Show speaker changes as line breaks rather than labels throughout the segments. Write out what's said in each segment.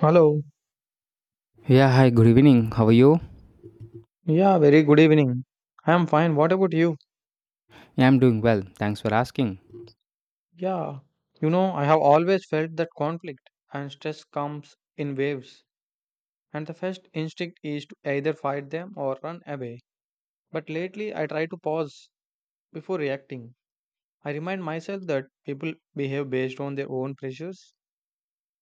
Hello.
Yeah, hi, good evening. How are you?
Yeah, very good evening. I am fine. What about you?
Yeah, I'm doing well. Thanks for asking.
Yeah. You know, I have always felt that conflict and stress comes in waves, and the first instinct is to either fight them or run away. But lately, I try to pause before reacting. I remind myself that people behave based on their own pressures,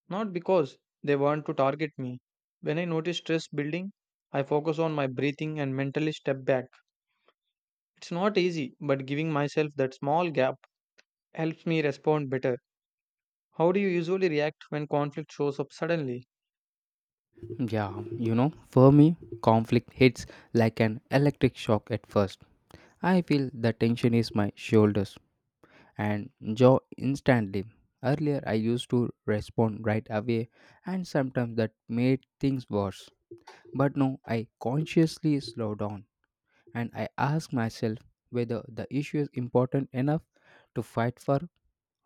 not because they want to target me. When I notice stress building, I focus on my breathing and mentally step back. It's not easy, but giving myself that small gap helps me respond better. How do you usually react when conflict shows up suddenly?
Yeah, you know, for me, conflict hits like an electric shock at first. I feel the tension is my shoulders and jaw instantly. Earlier, I used to respond right away, and sometimes that made things worse. But now, I consciously slow down and I ask myself whether the issue is important enough to fight for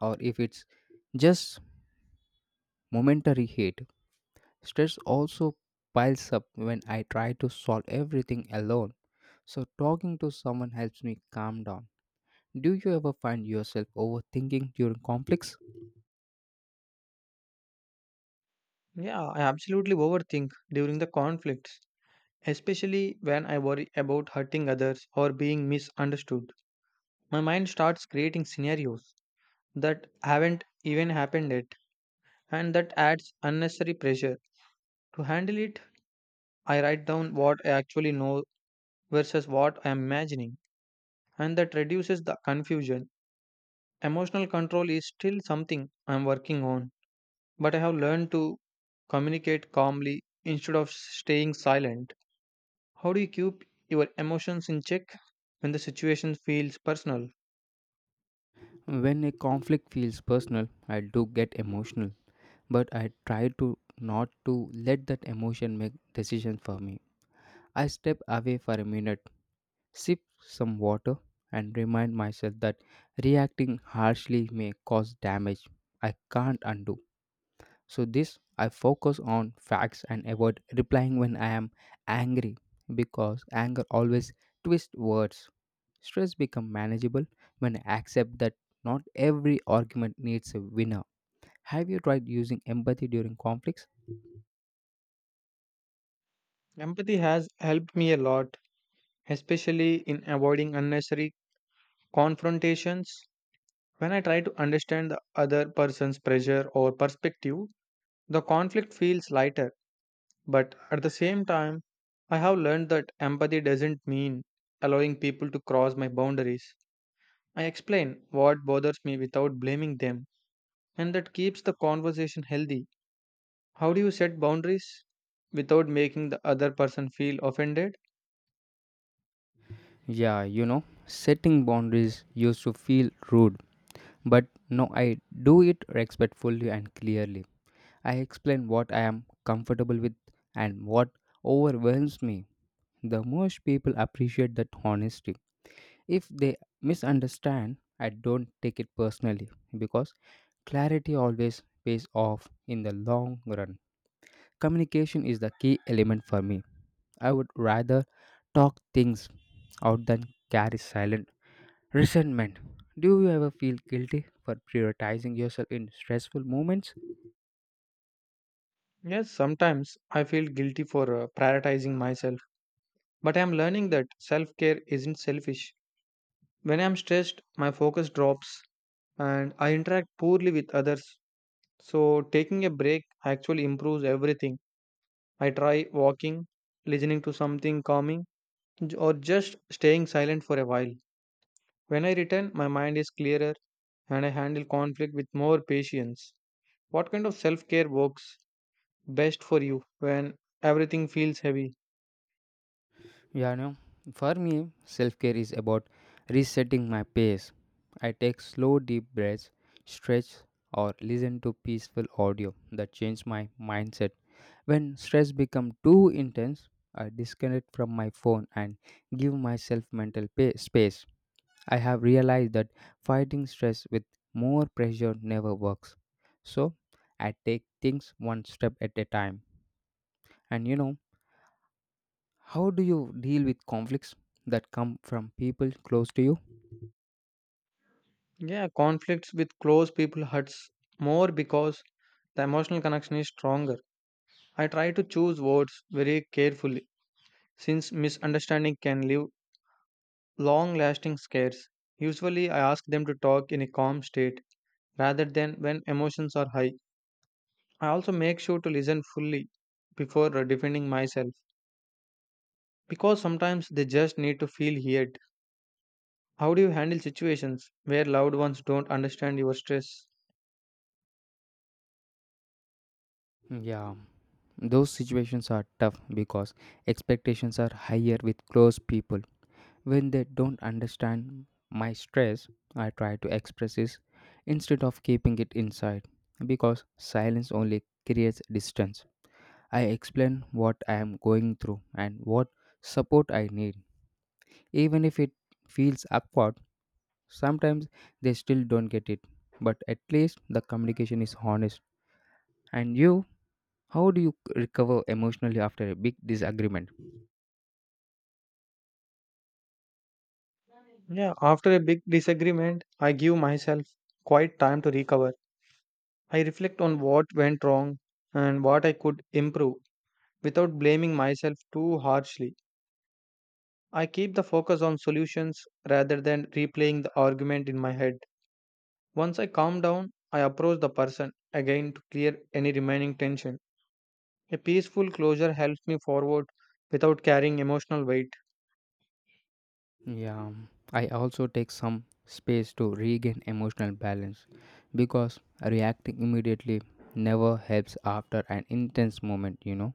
or if it's just momentary hate. Stress also piles up when I try to solve everything alone, so talking to someone helps me calm down. Do you ever find yourself overthinking during conflicts?
Yeah, I absolutely overthink during the conflicts, especially when I worry about hurting others or being misunderstood. My mind starts creating scenarios that haven't even happened yet, and that adds unnecessary pressure. To handle it, I write down what I actually know versus what I am imagining, and that reduces the confusion. Emotional control is still something I'm working on. But I have learned to communicate calmly instead of staying silent. How do you keep your emotions in check when the situation feels personal?
When a conflict feels personal, I do get emotional, but I try to not to let that emotion make decisions for me. I step away for a minute, sip some water, and remind myself that reacting harshly may cause damage I can't undo. So this I focus on facts and avoid replying when I am angry because anger always twists words. Stress become manageable when I accept that not every argument needs a winner. Have you tried using empathy during conflicts?
Empathy has helped me a lot, especially in avoiding unnecessary confrontations. When I try to understand the other person's pressure or perspective, the conflict feels lighter. But at the same time, I have learned that empathy doesn't mean allowing people to cross my boundaries. I explain what bothers me without blaming them, and that keeps the conversation healthy. How do you set boundaries without making the other person feel offended?
Yeah, you know, setting boundaries used to feel rude, but now I do it respectfully and clearly. I explain what I am comfortable with and what overwhelms me the most people appreciate that honesty. If they misunderstand, I don't take it personally because clarity always pays off in the long run. Communication is the key element for me. I would rather talk things out than carry silent resentment. Do you ever feel guilty for prioritizing yourself in stressful moments?
Yes, sometimes I feel guilty for prioritizing myself, but I am learning that self care isn't selfish. When I am stressed, my focus drops and I interact poorly with others. So, taking a break actually improves everything. I try walking, listening to something calming, or just staying silent for a while. When I return, my mind is clearer and I handle conflict with more patience. What kind of self care works best for you when everything feels heavy?
Yeah, no. For me, self care is about resetting my pace. I take slow, deep breaths, stretch, or listen to peaceful audio that change my mindset. When stress becomes too intense, I disconnect from my phone and give myself mental space. I have realized that fighting stress with more pressure never works. So, I take things one step at a time. And you know, how do you deal with conflicts that come from people close to you?
Yeah, conflicts with close people hurts more because the emotional connection is stronger. I try to choose words very carefully since misunderstanding can leave long lasting scares. Usually, I ask them to talk in a calm state rather than when emotions are high. I also make sure to listen fully before defending myself. Because sometimes they just need to feel heard. How do you handle situations where loved ones don't understand your stress?
Yeah, those situations are tough because expectations are higher with close people. When they don't understand my stress, I try to express this instead of keeping it inside because silence only creates distance. I explain what I am going through and what support I need, even if it feels awkward. Sometimes they still don't get it, but at least the communication is honest. And you, how do you recover emotionally after a big disagreement?
Yeah, after a big disagreement, I give myself quite time to recover. I reflect on what went wrong and what I could improve without blaming myself too harshly. I keep the focus on solutions rather than replaying the argument in my head. Once I calm down, I approach the person again to clear any remaining tension. A peaceful closure helps me forward without carrying emotional weight.
Yeah, I also take some space to regain emotional balance because reacting immediately never helps after an intense moment, you know.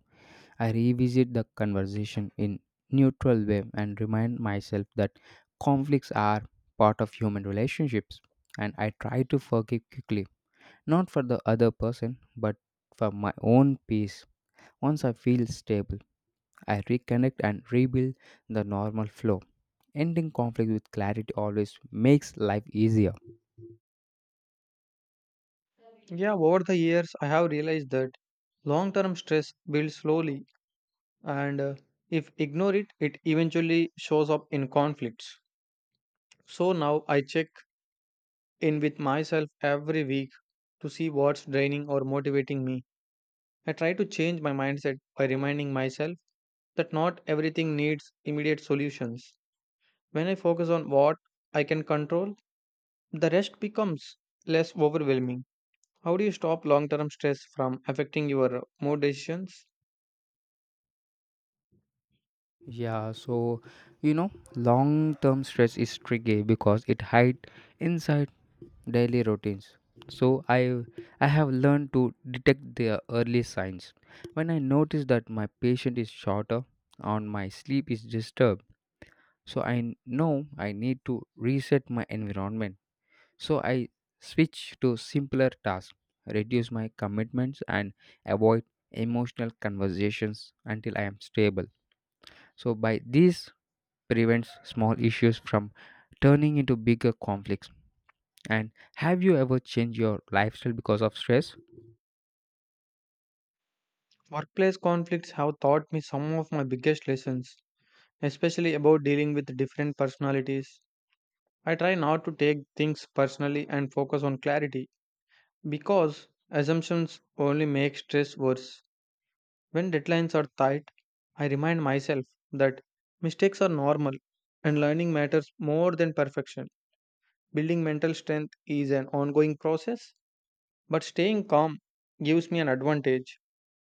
I revisit the conversation in neutral way and remind myself that conflicts are part of human relationships and I try to forgive quickly, not for the other person, but for my own peace. Once I feel stable, I reconnect and rebuild the normal flow. Ending conflict with clarity always makes life easier.
Yeah, over the years, I have realized that long term stress builds slowly, and if ignore it, it eventually shows up in conflicts. So now I check in with myself every week to see what's draining or motivating me. I try to change my mindset by reminding myself that not everything needs immediate solutions. When I focus on what I can control, the rest becomes less overwhelming. How do you stop long term stress from affecting your mood decisions?
Yeah, so you know, long term stress is tricky because it hides inside daily routines. So I have learned to detect the early signs. When I notice that my patient is shorter or my sleep is disturbed, so I know I need to reset my environment, so I switch to simpler tasks, reduce my commitments and avoid emotional conversations until I am stable, so by this prevents small issues from turning into bigger conflicts. And have you ever changed your lifestyle because of stress?
Workplace conflicts have taught me some of my biggest lessons, especially about dealing with different personalities. I try not to take things personally and focus on clarity because assumptions only make stress worse. When deadlines are tight, I remind myself that mistakes are normal and learning matters more than perfection. Building mental strength is an ongoing process, but staying calm gives me an advantage.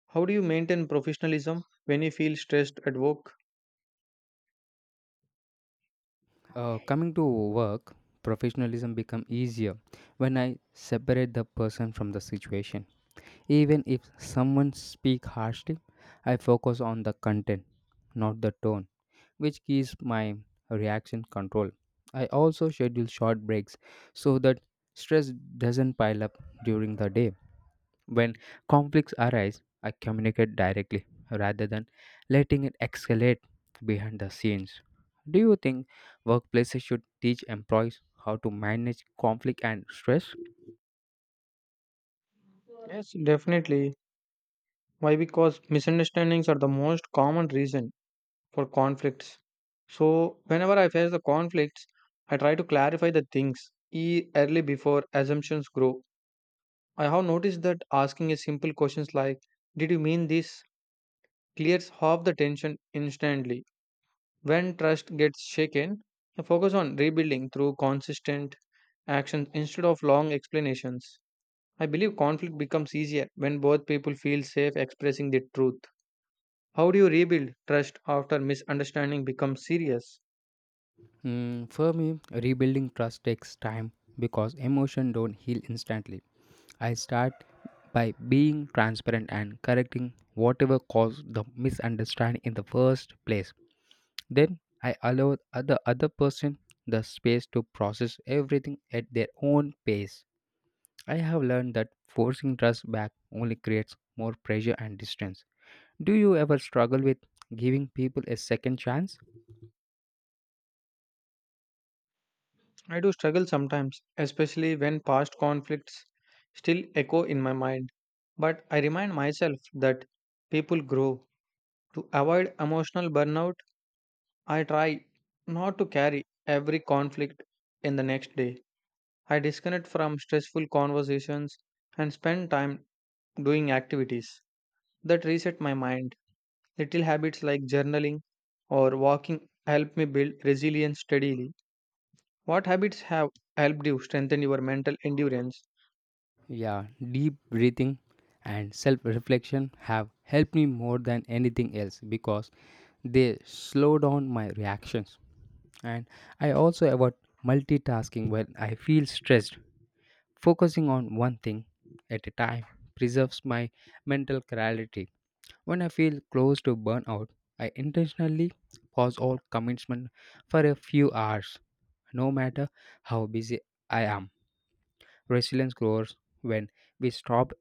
How do you maintain professionalism when you feel stressed at work?
Coming to work, professionalism become easier when I separate the person from the situation. Even if someone speak harshly, I focus on the content, not the tone, which gives my reaction control. I also schedule short breaks so that stress doesn't pile up during the day. When conflicts arise, I communicate directly rather than letting it escalate behind the scenes. Do you think workplaces should teach employees how to manage conflict and stress?
Yes, definitely. Why? Because misunderstandings are the most common reason for conflicts. So, whenever I face the conflicts, I try to clarify the things early before assumptions grow. I have noticed that asking a simple questions like, "Did you mean this?" clears half the tension instantly. When trust gets shaken, I focus on rebuilding through consistent actions instead of long explanations. I believe conflict becomes easier when both people feel safe expressing the truth. How do you rebuild trust after misunderstanding becomes serious?
Mm, for me, rebuilding trust takes time because emotion don't heal instantly. I start by being transparent and correcting whatever caused the misunderstanding in the first place. Then I allow the other person the space to process everything at their own pace. I have learned that forcing trust back only creates more pressure and distance. Do you ever struggle with giving people a second chance?
I do struggle sometimes, especially when past conflicts still echo in my mind. But I remind myself that people grow. To avoid emotional burnout, I try not to carry every conflict in the next day. I disconnect from stressful conversations and spend time doing activities that reset my mind. Little habits like journaling or walking help me build resilience steadily. What habits have helped you strengthen your mental endurance?
Yeah, deep breathing and self reflection have helped me more than anything else because they slow down my reactions. And I also avoid multitasking when I feel stressed. Focusing on one thing at a time preserves my mental clarity. When I feel close to burnout, I intentionally pause all commitment for a few hours, no matter how busy I am. Resilience grows when we stop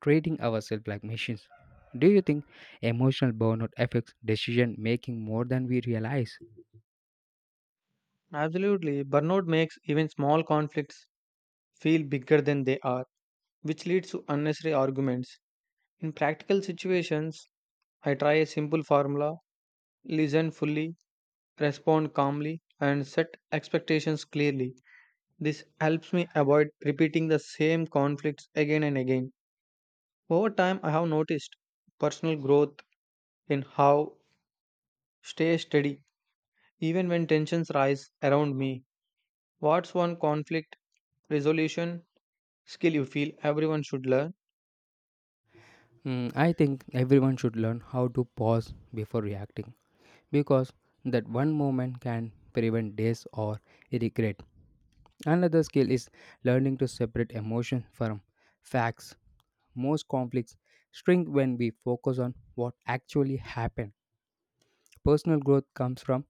treating ourselves like machines. Do you think emotional burnout affects decision making more than we realize?
Absolutely, burnout makes even small conflicts feel bigger than they are, which leads to unnecessary arguments. In practical situations, I try a simple formula: listen fully, respond calmly, and set expectations clearly. This helps me avoid repeating the same conflicts again and again. Over time, I have noticed personal growth in how stay steady even when tensions rise around me. What's one conflict resolution skill you feel everyone should learn?
Hmm, I think everyone should learn how to pause before reacting because that one moment can prevent days or regret. Another skill is learning to separate emotion from facts. Most conflicts shrink when we focus on what actually happened. Personal growth comes from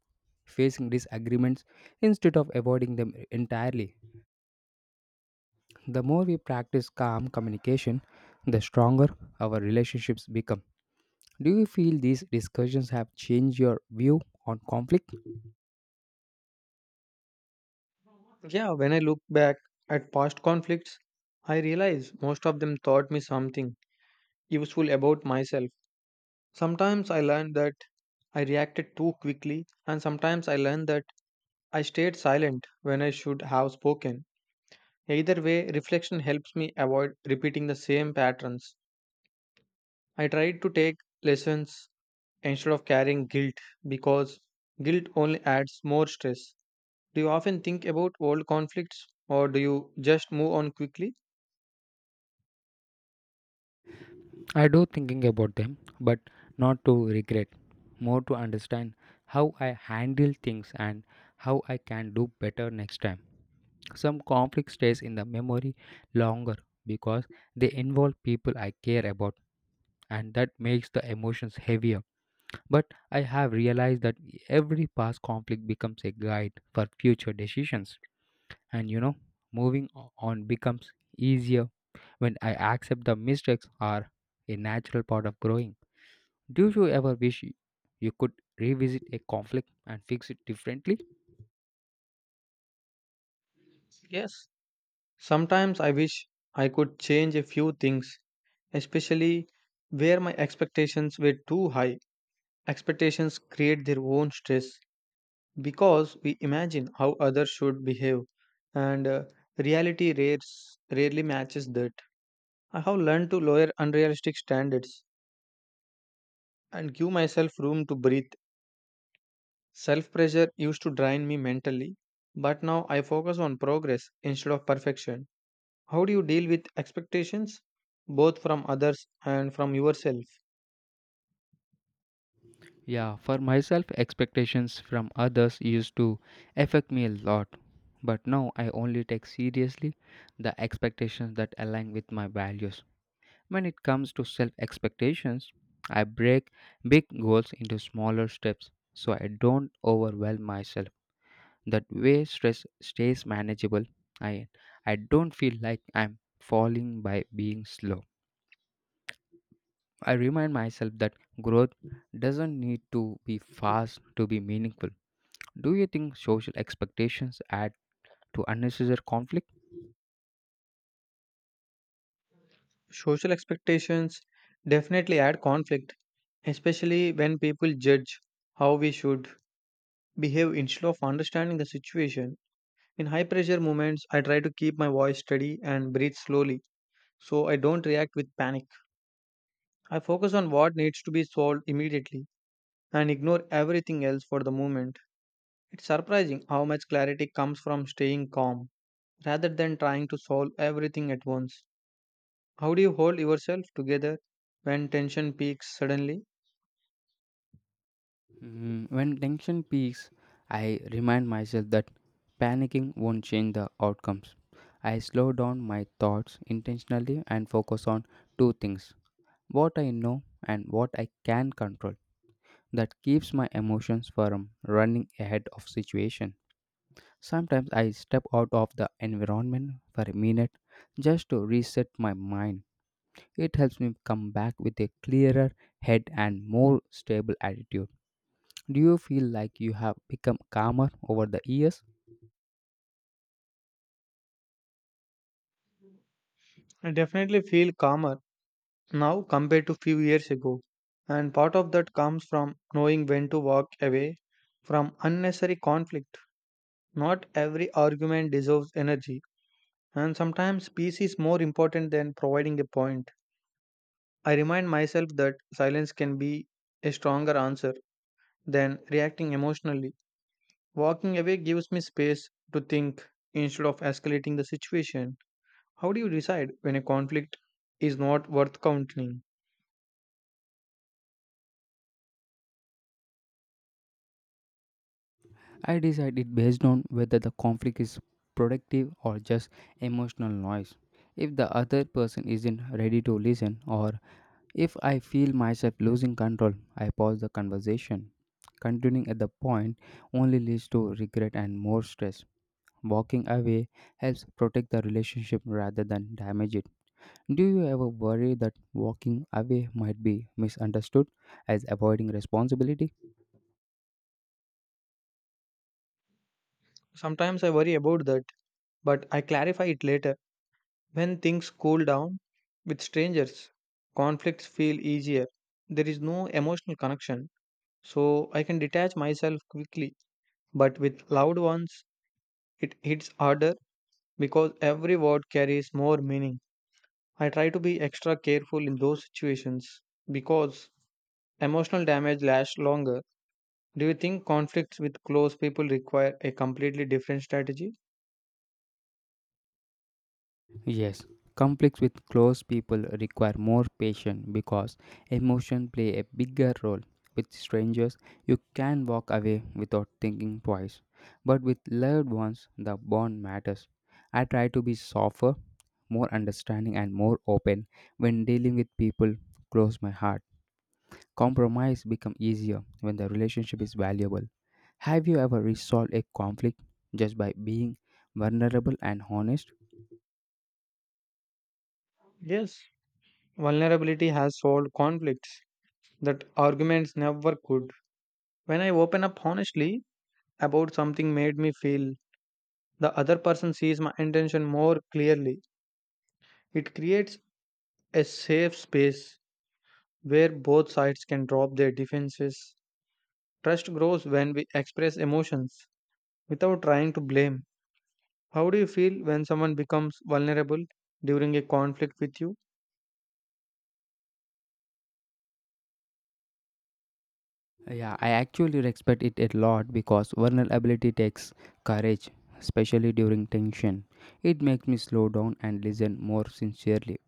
facing disagreements instead of avoiding them entirely. The more we practice calm communication, the stronger our relationships become. Do you feel these discussions have changed your view on conflict?
Yeah, when I look back at past conflicts, I realize most of them taught me something useful about myself. Sometimes I learned that I reacted too quickly, and sometimes I learned that I stayed silent when I should have spoken. Either way, reflection helps me avoid repeating the same patterns. I tried to take lessons instead of carrying guilt because guilt only adds more stress. Do you often think about old conflicts or do you just move on quickly?
I do thinking about them, but not to regret, more to understand how I handle things and how I can do better next time. Some conflict stays in the memory longer because they involve people I care about and that makes the emotions heavier. But I have realized that every past conflict becomes a guide for future decisions. And you know, moving on becomes easier when I accept the mistakes are a natural part of growing. Do you ever wish you could revisit a conflict and fix it differently?
Yes. Sometimes I wish I could change a few things, especially where my expectations were too high. Expectations create their own stress because we imagine how others should behave, and reality rarely matches that. I have learned to lower unrealistic standards and give myself room to breathe. Self pressure used to drain me mentally, but now I focus on progress instead of perfection. How do you deal with expectations, both from others and from yourself?
Yeah, for myself, expectations from others used to affect me a lot. But now I only take seriously the expectations that align with my values. When it comes to self expectations, I break big goals into smaller steps so I don't overwhelm myself. That way, stress stays manageable. I, I don't feel like I'm falling by being slow. I remind myself that growth doesn't need to be fast to be meaningful. Do you think social expectations add to unnecessary conflict?
Social expectations definitely add conflict, especially when people judge how we should behave instead of understanding the situation. In high pressure moments, I try to keep my voice steady and breathe slowly so I don't react with panic. I focus on what needs to be solved immediately and ignore everything else for the moment. It's surprising how much clarity comes from staying calm rather than trying to solve everything at once. How do you hold yourself together when tension peaks suddenly?
Mm, when tension peaks, I remind myself that panicking won't change the outcomes. I slow down my thoughts intentionally and focus on two things: what I know and what I can control. That keeps my emotions from running ahead of situation. Sometimes I step out of the environment for a minute just to reset my mind. It helps me come back with a clearer head and more stable attitude. Do you feel like you have become calmer over the years?
I definitely feel calmer now compared to few years ago, and part of that comes from knowing when to walk away from unnecessary conflict. Not every argument deserves energy, and sometimes peace is more important than providing a point. I remind myself that silence can be a stronger answer than reacting emotionally. Walking away gives me space to think instead of escalating the situation. How do you decide when a conflict is not worth continuing?
I decide it based on whether the conflict is productive or just emotional noise. If the other person isn't ready to listen, or if I feel myself losing control, I pause the conversation. Continuing at the point only leads to regret and more stress. Walking away helps protect the relationship rather than damage it. Do you ever worry that walking away might be misunderstood as avoiding responsibility?
Sometimes I worry about that, but I clarify it later. When things cool down with strangers, conflicts feel easier. There is no emotional connection, so I can detach myself quickly. But with loved ones, it hits harder because every word carries more meaning. I try to be extra careful in those situations because emotional damage lasts longer. Do you think conflicts with close people require a completely different strategy?
Yes, conflicts with close people require more patience because emotions play a bigger role. With strangers, you can walk away without thinking twice, but with loved ones, the bond matters. I try to be softer, more understanding, and more open when dealing with people close my heart. Compromise become easier when the relationship is valuable. Have you ever resolved a conflict just by being vulnerable and honest?
Yes, vulnerability has solved conflicts that arguments never could. When I open up honestly about something made me feel, the other person sees my intention more clearly. It creates a safe space where both sides can drop their defenses. Trust grows when we express emotions without trying to blame. How do you feel when someone becomes vulnerable during a conflict with you?
Yeah, I actually respect it a lot because vulnerability takes courage, especially during tension. It makes me slow down and listen more sincerely,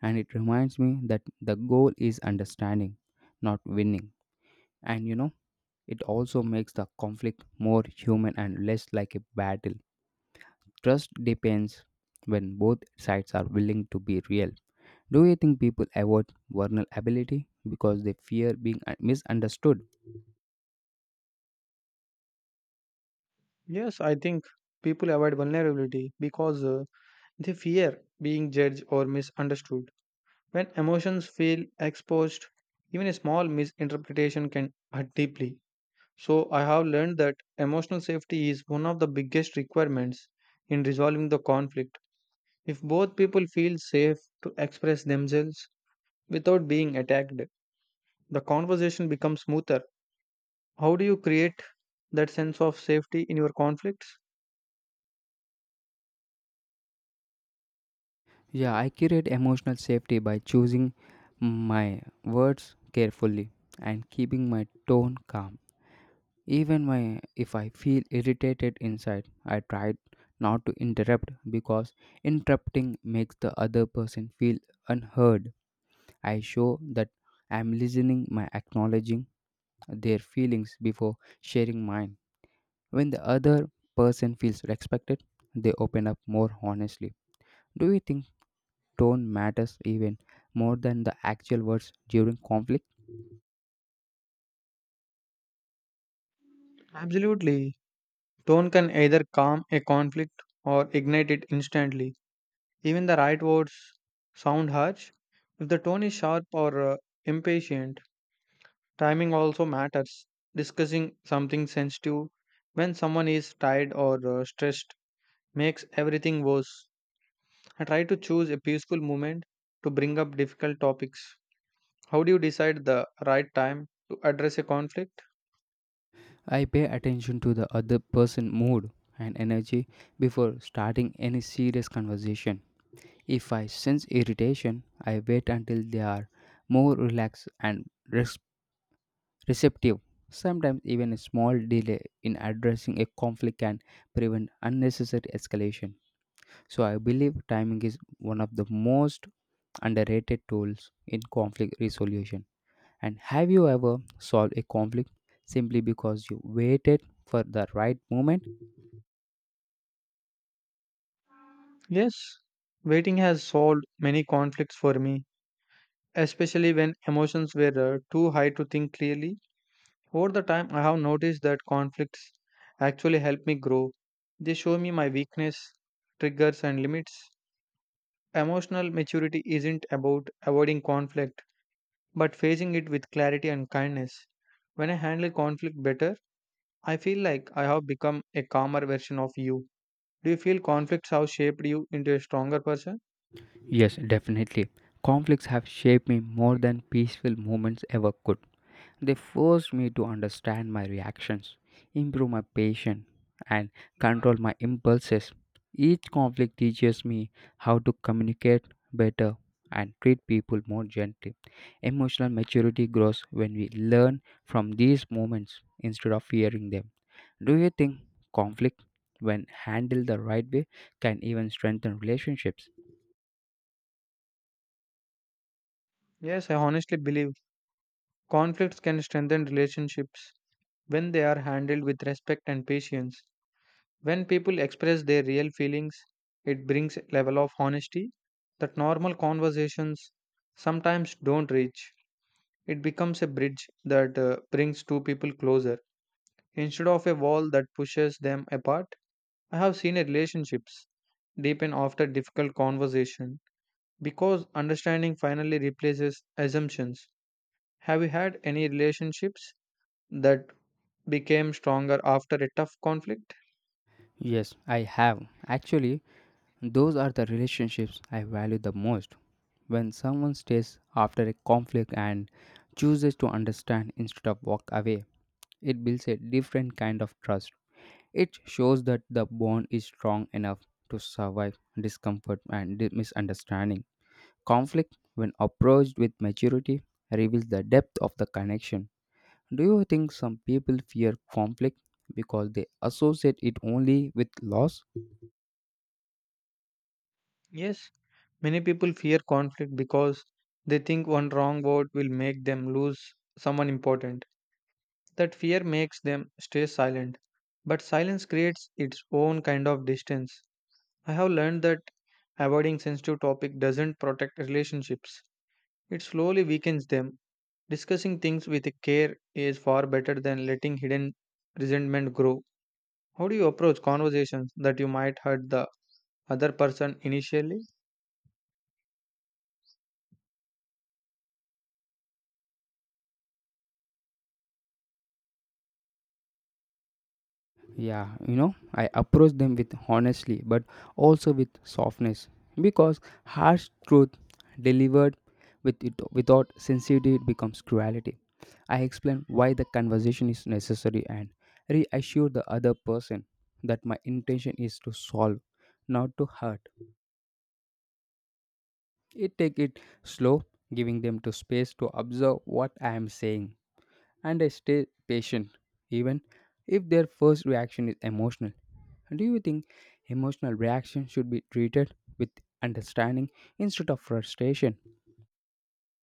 and it reminds me that the goal is understanding, not winning. And you know, it also makes the conflict more human and less like a battle. Trust depends when both sides are willing to be real. Do you think people avoid vulnerability because they fear being misunderstood?
Yes, I think people avoid vulnerability because they fear being judged or misunderstood. When emotions feel exposed, even a small misinterpretation can hurt deeply. So, I have learned that emotional safety is one of the biggest requirements in resolving the conflict. If both people feel safe to express themselves without being attacked, the conversation becomes smoother. How do you create that sense of safety in your conflicts?
Yeah, I create emotional safety by choosing my words carefully and keeping my tone calm. If I feel irritated inside, I try not to interrupt because interrupting makes the other person feel unheard. I show that I'm listening by acknowledging their feelings before sharing mine. When the other person feels respected, they open up more honestly. Do you think tone matters even more than the actual words during conflict?
Absolutely. Tone can either calm a conflict or ignite it instantly. Even the right words sound harsh. If the tone is sharp or impatient, timing also matters. Discussing something sensitive when someone is tired or stressed makes everything worse. I try to choose a peaceful moment to bring up difficult topics. How do you decide the right time to address a conflict?
I pay attention to the other person's mood and energy before starting any serious conversation. If I sense irritation, I wait until they are more relaxed and receptive. Sometimes, even a small delay in addressing a conflict can prevent unnecessary escalation. So, I believe timing is one of the most underrated tools in conflict resolution. And have you ever solved a conflict simply because you waited for the right moment?
Yes, waiting has solved many conflicts for me, especially when emotions were too high to think clearly. Over the time, I have noticed that conflicts actually help me grow. They show me my weakness, triggers, and limits. Emotional maturity isn't about avoiding conflict, but facing it with clarity and kindness. When I handle conflict better, I feel like I have become a calmer version of you. Do you feel conflicts have shaped you into a stronger person?
Yes, definitely. Conflicts have shaped me more than peaceful moments ever could. They forced me to understand my reactions, improve my patience, and control my impulses. Each conflict teaches me how to communicate better and treat people more gently. Emotional maturity grows when we learn from these moments instead of fearing them. Do you think conflict, when handled the right way, can even strengthen relationships?
Yes, I honestly believe. Conflicts can strengthen relationships when they are handled with respect and patience. When people express their real feelings, it brings a level of honesty that normal conversations sometimes don't reach. It becomes a bridge that brings two people closer instead of a wall that pushes them apart. I have seen relationships deepen after difficult conversation because understanding finally replaces assumptions. Have you had any relationships that became stronger after a tough conflict?
Yes, I have. Actually, those are the relationships I value the most. When someone stays after a conflict and chooses to understand instead of walk away, it builds a different kind of trust. It shows that the bond is strong enough to survive discomfort and misunderstanding. Conflict, when approached with maturity, reveals the depth of the connection. Do you think some people fear conflict because they associate it only with loss?
Yes, many people fear conflict because they think one wrong word will make them lose someone important. That fear makes them stay silent. But silence creates its own kind of distance. I have learned that avoiding sensitive topic doesn't protect relationships. It slowly weakens them. Discussing things with care is far better than letting hidden resentment grow. How do you approach conversations that you might hurt the other person initially?
Yeah, you know, I approach them with honestly but also with softness because harsh truth delivered without sincerity it becomes cruelty. I explain why the conversation is necessary and reassure the other person that my intention is to solve, not to hurt. It take it slow, giving them to space to observe what I am saying and I stay patient, even if their first reaction is emotional. Do you think emotional reaction should be treated with understanding instead of frustration?